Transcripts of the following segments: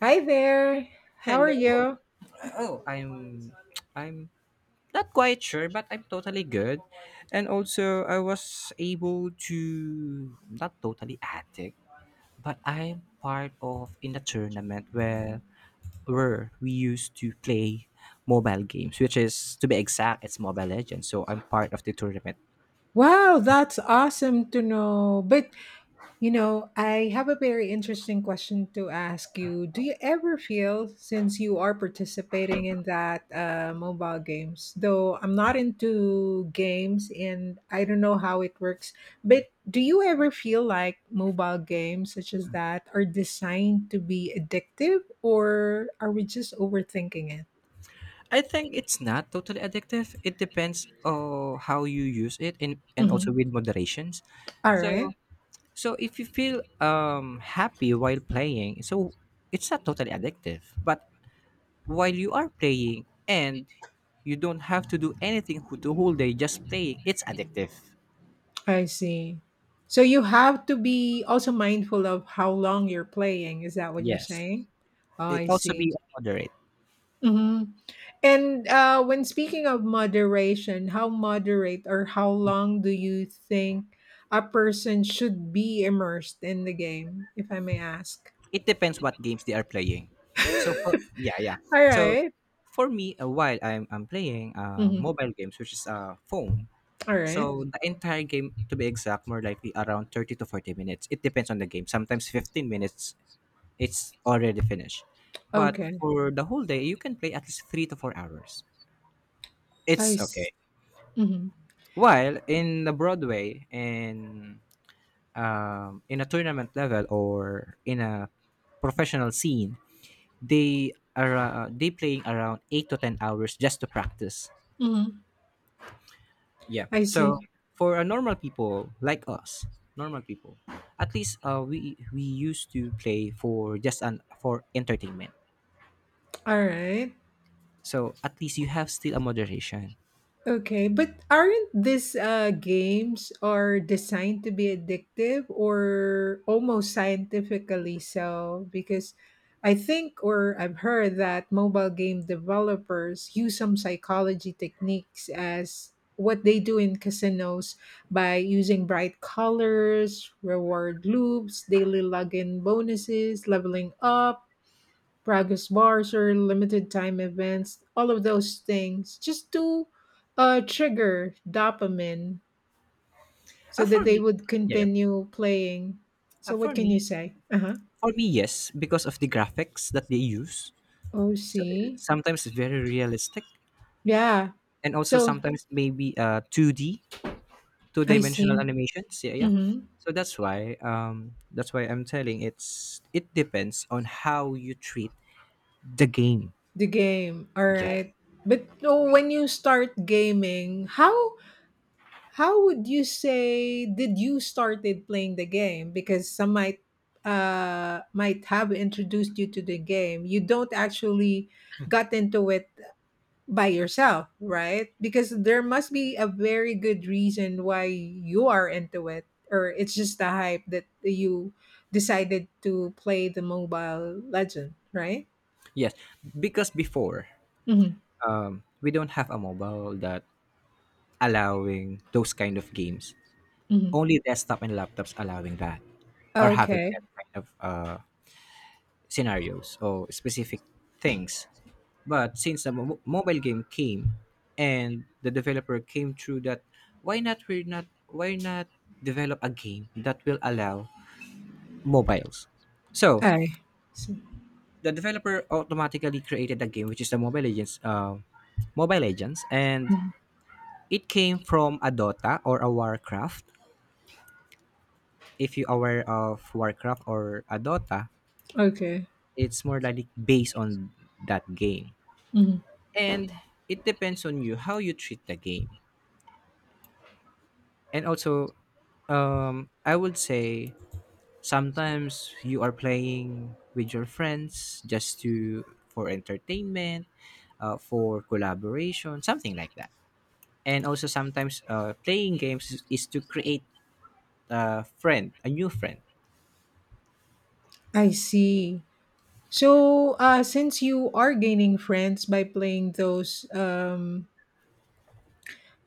Hi there. How are Hello. you? Oh, I'm not quite sure, but I'm totally good. And also I was able to not totally addict, but I'm part of in the tournament where we used to play mobile games, which is to be exact, it's Mobile Legends. So I'm part of the tournament. Wow, that's awesome to know. But, I have a very interesting question to ask you. Do you ever feel, since you are participating in that mobile games, though I'm not into games and I don't know how it works, but do you ever feel like mobile games such as that are designed to be addictive or are we just overthinking it? I think it's not totally addictive. It depends on how you use it and also Mhm. with moderations. All So right. So if you feel happy while playing, so it's not totally addictive. But while you are playing and you don't have to do anything the whole day, just playing, it's addictive. I see. So you have to be also mindful of how long you're playing. Is that what you're Yes. saying? Oh, It I also see. be moderate. Hmm. And when speaking of moderation, how moderate or how long do you think a person should be immersed in the game, if I may ask? It depends what games they are playing. So for yeah, yeah. All So right. for me, while I'm playing Mhm. mobile games, which is a phone. All right. So the entire game, to be exact, more likely around 30 to 40 minutes. It depends on the game. Sometimes 15 minutes it's already finished. But Okay. for the whole day, you can play at least 3 to 4 hours. I It's s- okay. mhm. While in the Broadway and in a tournament level or in a professional scene, they are they playing around 8 to 10 hours just to practice. Mhm. Yeah. I So see. for a normal people like us, normal people, at least we used to play for just an for entertainment. All right. So at least you have still a moderation. Okay, but aren't these games are designed to be addictive or almost scientifically so? Because I think or I've heard that mobile game developers use some psychology techniques as what they do in casinos by using bright colors, reward loops, daily login bonuses, leveling up, progress bars or limited time events, all of those things, just to trigger dopamine so that For they me, would yeah, yeah. continue playing. uh, So, what for can you me, say? Uh huh. For me, yes, because of the graphics that they use. So OC. sometimes it's very realistic, Yeah. and also So, sometimes maybe two D, two I dimensional see. animations. Yeah, yeah. Hmm. So that's why I'm telling it's it depends on how you treat the game. The game. All Yeah. right. But oh, when you start gaming, how would you say did you started playing the game? Because some might have introduced you to the game. You don't actually got into it by yourself, right? Because there must be a very good reason why you are into it, or it's just the hype that you decided to play the mobile legend, right? Yes, because before Hmm. We don't have a mobile that allowing those kind of games. Hmm. Only desktop and laptops allowing that or having Okay. that kind of scenarios or specific things. But since the mobile game came and the developer came through that, why not we not why not develop a game that will allow mobiles? So I see. the developer automatically created a game which is the Mobile Legends, Mobile Legends, and Mhm. it came from a Dota or a Warcraft. If you're aware of Warcraft or a Dota, Okay. it's more likely based on that game. Mhm. And it depends on you how you treat the game and also I would say sometimes you are playing with your friends just to for entertainment, for collaboration, something like that. And also sometimes playing games is to create a friend, a new friend. I see. So, since you are gaining friends by playing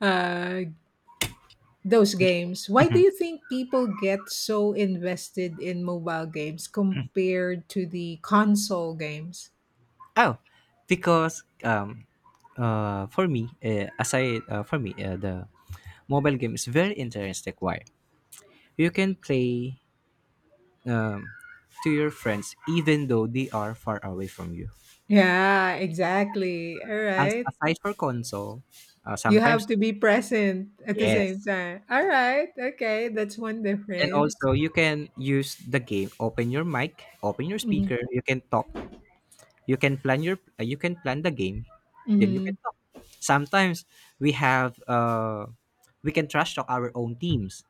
uh, those games, why do you think people get so invested in mobile games compared to the console games? Oh, because for me, aside for me, the mobile game is very interesting. Why? You can play um, to your friends even though they are far away from you. Yeah, exactly. All And right. aside for console, You have sometimes to be present at the same yes. time. All right. Okay, that's one And difference. also you can use the game. Open your mic, open your Mm-hmm. speaker. You can talk. You can plan your. You can plan the game. Then you Mm-hmm. can talk. Sometimes we have. We can trash talk our own teams.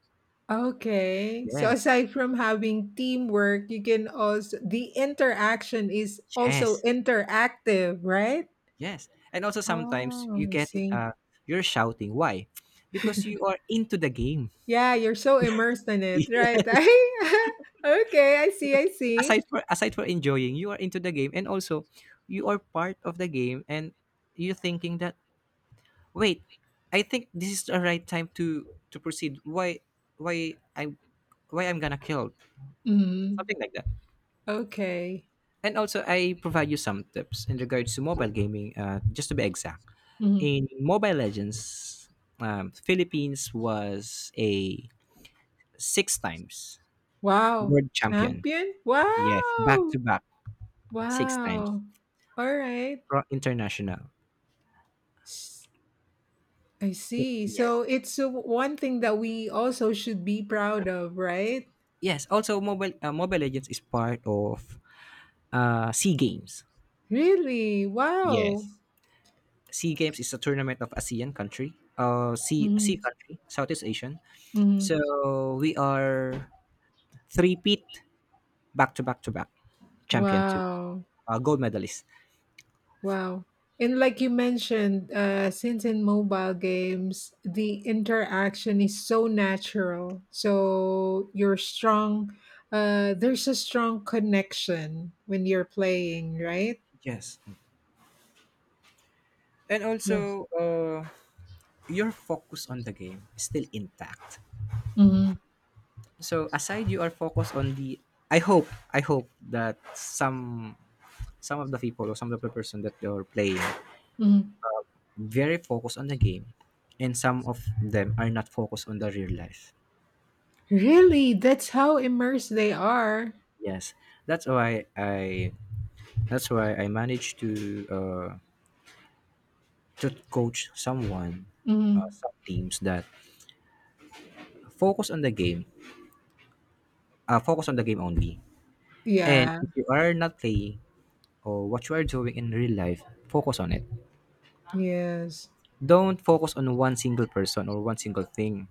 Okay. So Yes. aside from having teamwork, you can also the interaction is also Yes. interactive, right? Yes. And also sometimes you Oh, I get see. You're shouting. Why? Because you are into the game. Yeah, you're so immersed in it, right? Yes. Okay, I see, I Because see. aside for enjoying, you are into the game and also you are part of the game and you're thinking that wait, I think this is the right time to proceed. Why I why I'm gonna kill, Mhm. something like that. Okay. And also I provide you some tips in regards to mobile gaming. Just to be exact, Mhm. in Mobile Legends, Philippines was a six times Wow. world champion. Champion? Yes, back Wow. to back six times Wow. All right. International. S- I see. So Yes. it's one thing that we also should be proud of, right? Yes, also Mobile Legends is part of Sea Games. Really? Wow. Yes. Sea Games is a tournament of ASEAN country, sea sea Hmm. country, Southeast Asian. Hmm. So we are three peat, back to back to back champion too, Wow. Gold medalist. Wow. And like you mentioned, since in mobile games, the interaction is so natural. So you're strong. There's a strong connection when you're playing, right? Yes, and Yeah. also your focus on the game is still intact. Hmm. So aside, you are focused on the. I hope I hope that some of the people or some of the person that you're playing Hmm. very focused on the game and some of them are not focused on the real life. Really? That's how immersed they are. Yes, that's why i that's why I managed to coach someone, Hmm. Some teams that focus on the game, focus on the game only. And Yeah. if you are not playing or what you are doing in real life, focus on it, Yes. don't focus on one single person or one single thing.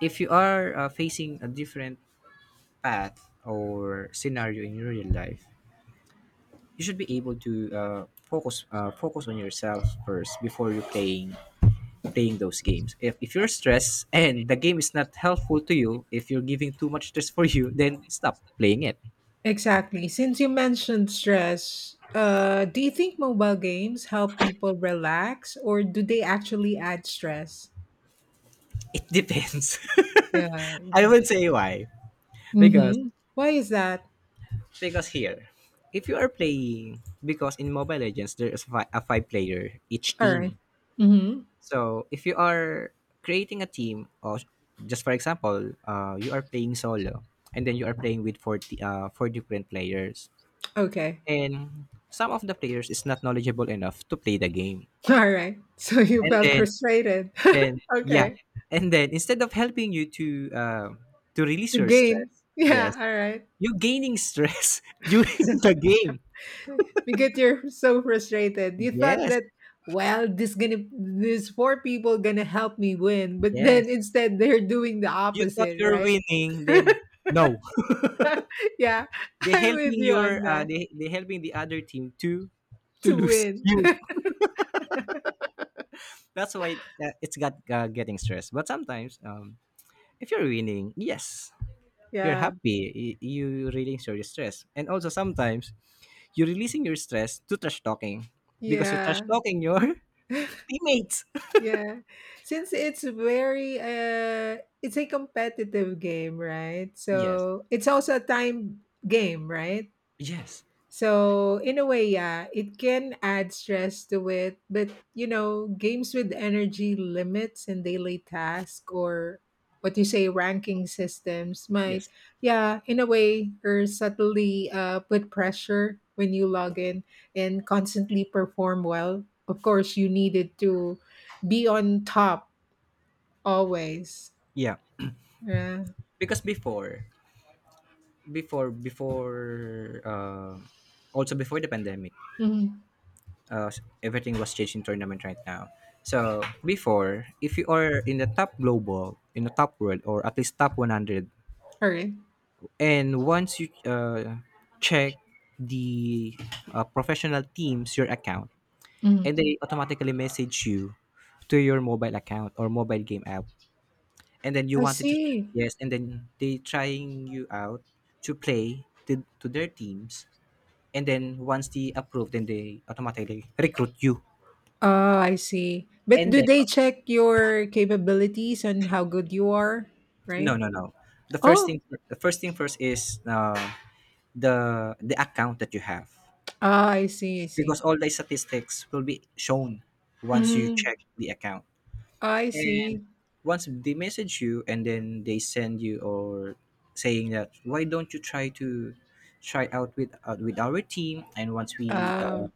If you are facing a different path or scenario in your real life, you should be able to focus on yourself first before you playing those games. If you're stressed and the game is not helpful to you, if you're giving too much stress for you, then stop playing it. Exactly. Since you mentioned stress, do you think mobile games help people relax or do they actually add stress? It depends. Yeah. I will say why, because Mm-hmm. Why is that? Here, if you are playing because in Mobile Legends there is a five player each All right. team. Mm-hmm. So if you are creating a team, or just for example, you are playing solo, and then you are playing with 40, four different players, Okay. and some of the players is not knowledgeable enough to play the game, All right. So you and felt then frustrated. then yeah, Okay. and then instead of helping you to release To your gain. stress, Yeah. yes, All right. you gaining stress during the game. Because you're so frustrated. You thought Yes, that, well, this gonna these four people gonna help me win, but then yes. instead they're doing the You thought opposite, you're right? winning, then no. Yeah, They I'm with helping you on your that. They helping the other team to to To lose win. you. That's why it's got getting stressed. But sometimes, if you're winning, yes, you're Yeah. happy. You release your stress, and also sometimes you're releasing your stress to trash talking, because you're trash Yeah. talking your teammates. Yeah. Since it's very it's a competitive game, right? Yes, So it's also a time game, right? yes, So in a way, yeah, it can add stress to it, but games with energy limits and daily tasks or what you say ranking systems might, yes, yeah, in a way, or subtly put pressure when you log in and constantly perform well. Of course, you needed to be on top always. yeah. Yeah. Because before, before, uh, before the pandemic, Mhm. uh, everything was changed in tournament right now. So before, if you are in the top global, in the top world, or at least top 100, All right. and once you check the professional teams your account, Mhm. and they automatically message you to your mobile account or mobile game app, and then you I wanted to, see. yes, and then they trying you out to their teams, and then once they approve, then they automatically recruit you, Ah, I see. But and do then they check your capabilities and how good you are, right? no, no, no. The first Oh, thing, the first thing first is the account that you have, ah, I see, I see. because all the statistics will be shown once you Mm, check the account. I And see. once they message you, and then they send you or saying that why don't you try to try out with our team? And once we Uh, uh,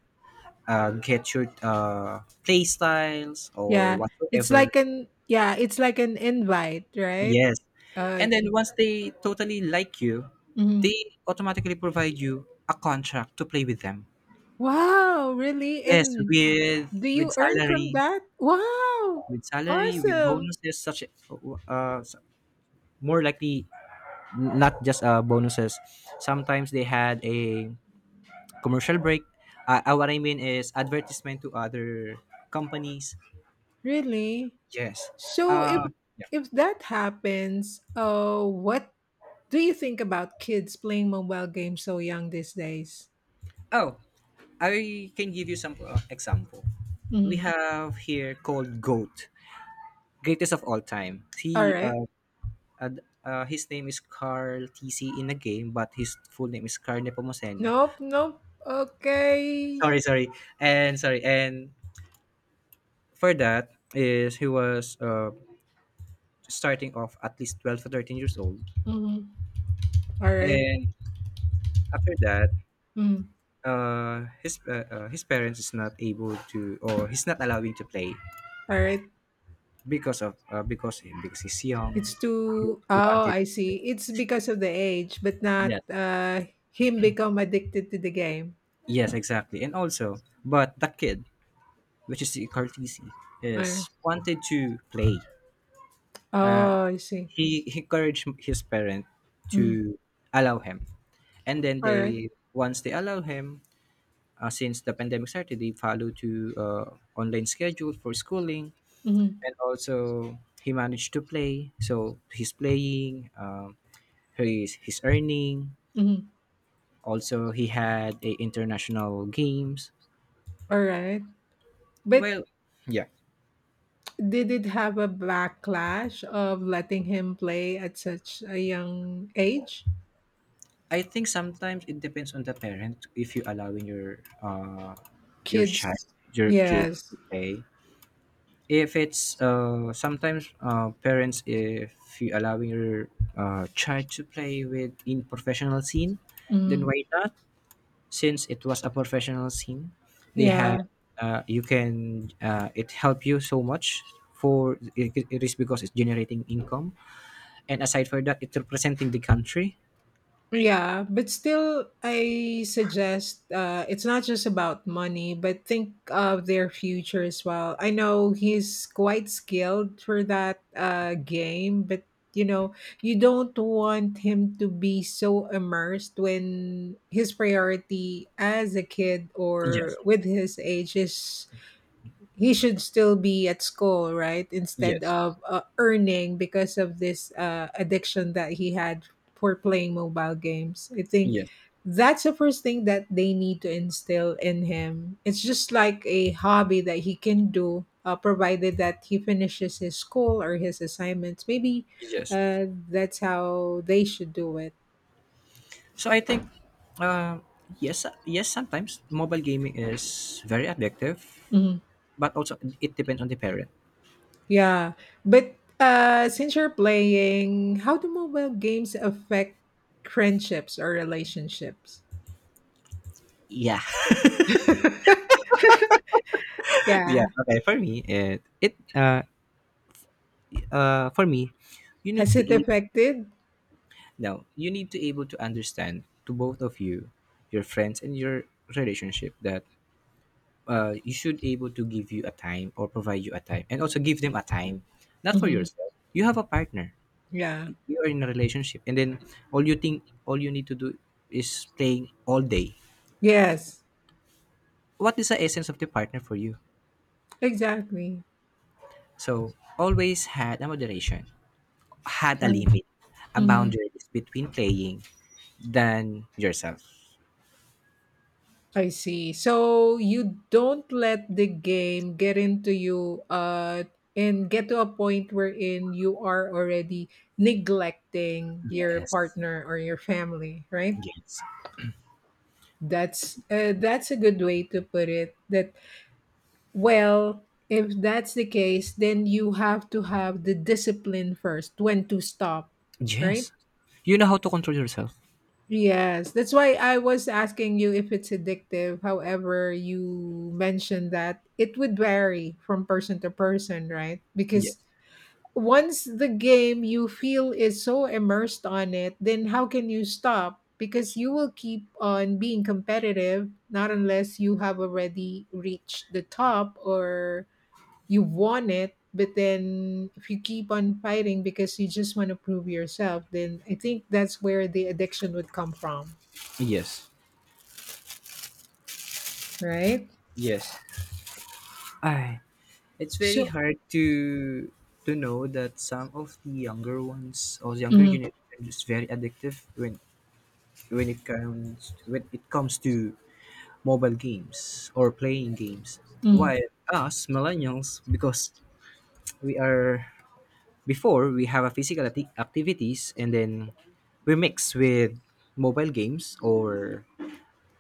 uh, get your play styles or yeah, it's whatsoever, like an yeah, it's like an invite, right? yes. And then Okay. once they totally like you, Mhm. they automatically provide you a contract to play with them. Wow, really? Yes, And do with you earn from salary, that? Wow, with salary, with awesome. bonuses such uh s- more likely not just bonuses. Sometimes they had a commercial break. What I mean is advertisement to other companies. Really? Yes. So if Uh, yeah. if that happens, what do you think about kids playing mobile games so young these days? Oh, I can give you some example. We Mhm. have here called goat, greatest of all time. All right. His name is Carl TC in the game, but his full name is Carl Nepomuceno. Nope. Nope. Okay. Sorry, sorry, and sorry, and for that is he was starting off at least 12 to 13 years old, Mhm. All right. and after that Mm. His parents is not able to or he's not allowing to play All right. because of because he's young. It's He, too. he Oh, wanted I see. It's because of the age, but not Yes, him become addicted to the game. yes, exactly. And also but that kid, which is Cartesi, All right. is wanted to play. Uh, Oh, I see. He encouraged his parent Mhm. to allow him, and then All right. they once they allow him, since the pandemic started, they follow to online schedule for schooling, Mhm. and also he managed to play. So he's playing. He's earning. Mhm. Also, he had a international games. All right. But Well, yeah. did it have a backlash of letting him play at such a young age? I think sometimes it depends on the parent if you allowing your child, Kids your yes. kids to play. If it's sometimes parents if you allowing your child to play with in professional scene, Mm. then why not? Since it was a professional scene, they Yeah, had you can it help you so much for it, it is because it's generating income and aside for that it's representing the country. yeah, but still I suggest it's not just about money, but think of their future as well. I know he's quite skilled for that game, but you know, you don't want him to be so immersed when his priority as a kid or Yes. with his age is he should still be at school, right? Instead Yes. of earning because of this addiction that he had for playing mobile games. I think Yes. that's the first thing that they need to instill in him. It's just like a hobby that he can do, provided that he finishes his school or his assignments. Maybe Yes. That's how they should do it. So I think, uh, yes, yes, sometimes mobile gaming is very addictive, but also it depends on the parent. Yeah, but since you're playing, how do mobile games affect friendships or relationships? Yeah, Yeah, yeah. Okay, for me, it for me, you has need to it able, affected? now you need to able to understand to both of you, your friends and your relationship, that you should able to give you a time or provide you a time and also give them a time, not for Hmm. yourself. You have a partner, Yeah. you are in a relationship and then all you think all you need to do is playing all day. Yes. What is the essence of the partner for you? Exactly. So always had a moderation, had a limit, a Mm-hmm. boundaries between playing than yourself. I see. So you don't let the game get into you, and get to a point wherein you are already neglecting your Yes, partner or your family, right? yes, That's a good way to put it. That well, if that's the case, then you have to have the discipline first when to stop, right? yes, you know how to control yourself. Yes, that's why I was asking you if it's addictive. However, you mentioned that it would vary from person to person, right? Because Yes, once the game you feel is so immersed on it, then how can you stop? Because you will keep on being competitive, not unless you have already reached the top or you won it. But then if you keep on fighting because you just want to prove yourself, then I think that's where the addiction would come from, yes, right? yes. I, it's very So, hard to know that some of the younger ones or younger mhm, generation is very addictive when when it comes to mobile games or playing games, mhm, while us millennials, because we are before we have a physical activities and then we mix with mobile games or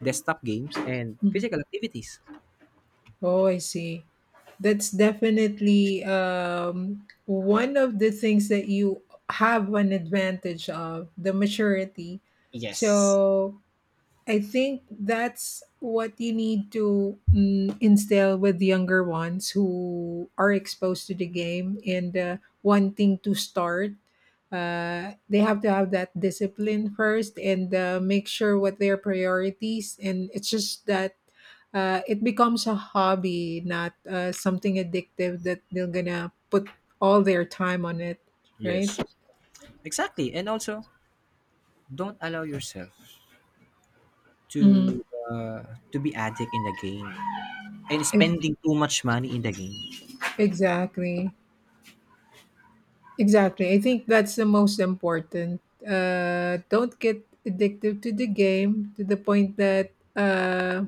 desktop games and mhm. physical activities. Oh, I see. That's definitely one of the things that you have an advantage of the maturity. Yes, So I think that's what you need to instill with younger ones who are exposed to the game and wanting to start. They have to have that discipline first and make sure what their priorities. And it's just that it becomes a hobby, not something addictive that they're gonna put all their time on it, right? yes, exactly. And also don't allow yourself Hmm. to uh, to be addict in the game and Ex- spending too much money in the game. exactly. Exactly. I think that's the most important. Don't get addicted to the game to the point that uh,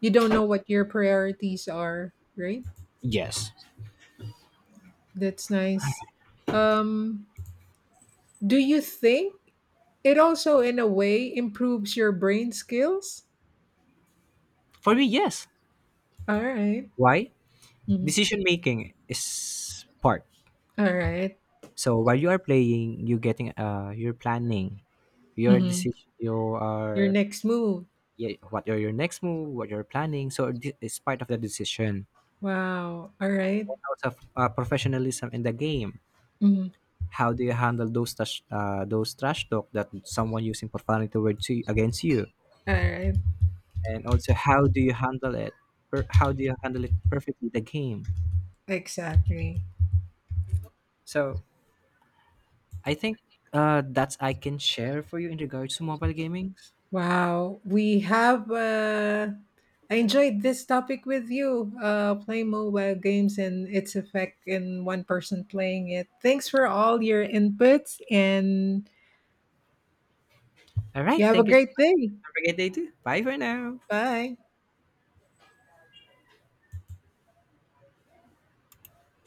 you don't know what your priorities are, right? Yes. That's nice. Um, do you think it also, in a way, improves your brain skills? For me, yes. All right. Why? Mhm. Decision making is part. All right. So while you are playing you getting you're planning your Mhm. decision, you Your are, next move. yeah, what are your next move, what you're planning, so it's part of the decision. Wow. All right. And also professionalism in the game. Mhm. How do you handle those trash talk that someone using profanity towards you, against you, All right. and also how do you handle it, how do you handle it perfectly the game. Exactly. So I think, that's I can share for you in regards to mobile gaming. Wow, we have. I enjoyed this topic with you. Playing mobile games and its effect in one person playing it. Thanks for all your inputs, and All you right. have a Thank you so great much. day. Have a great day too. Bye for now. Bye.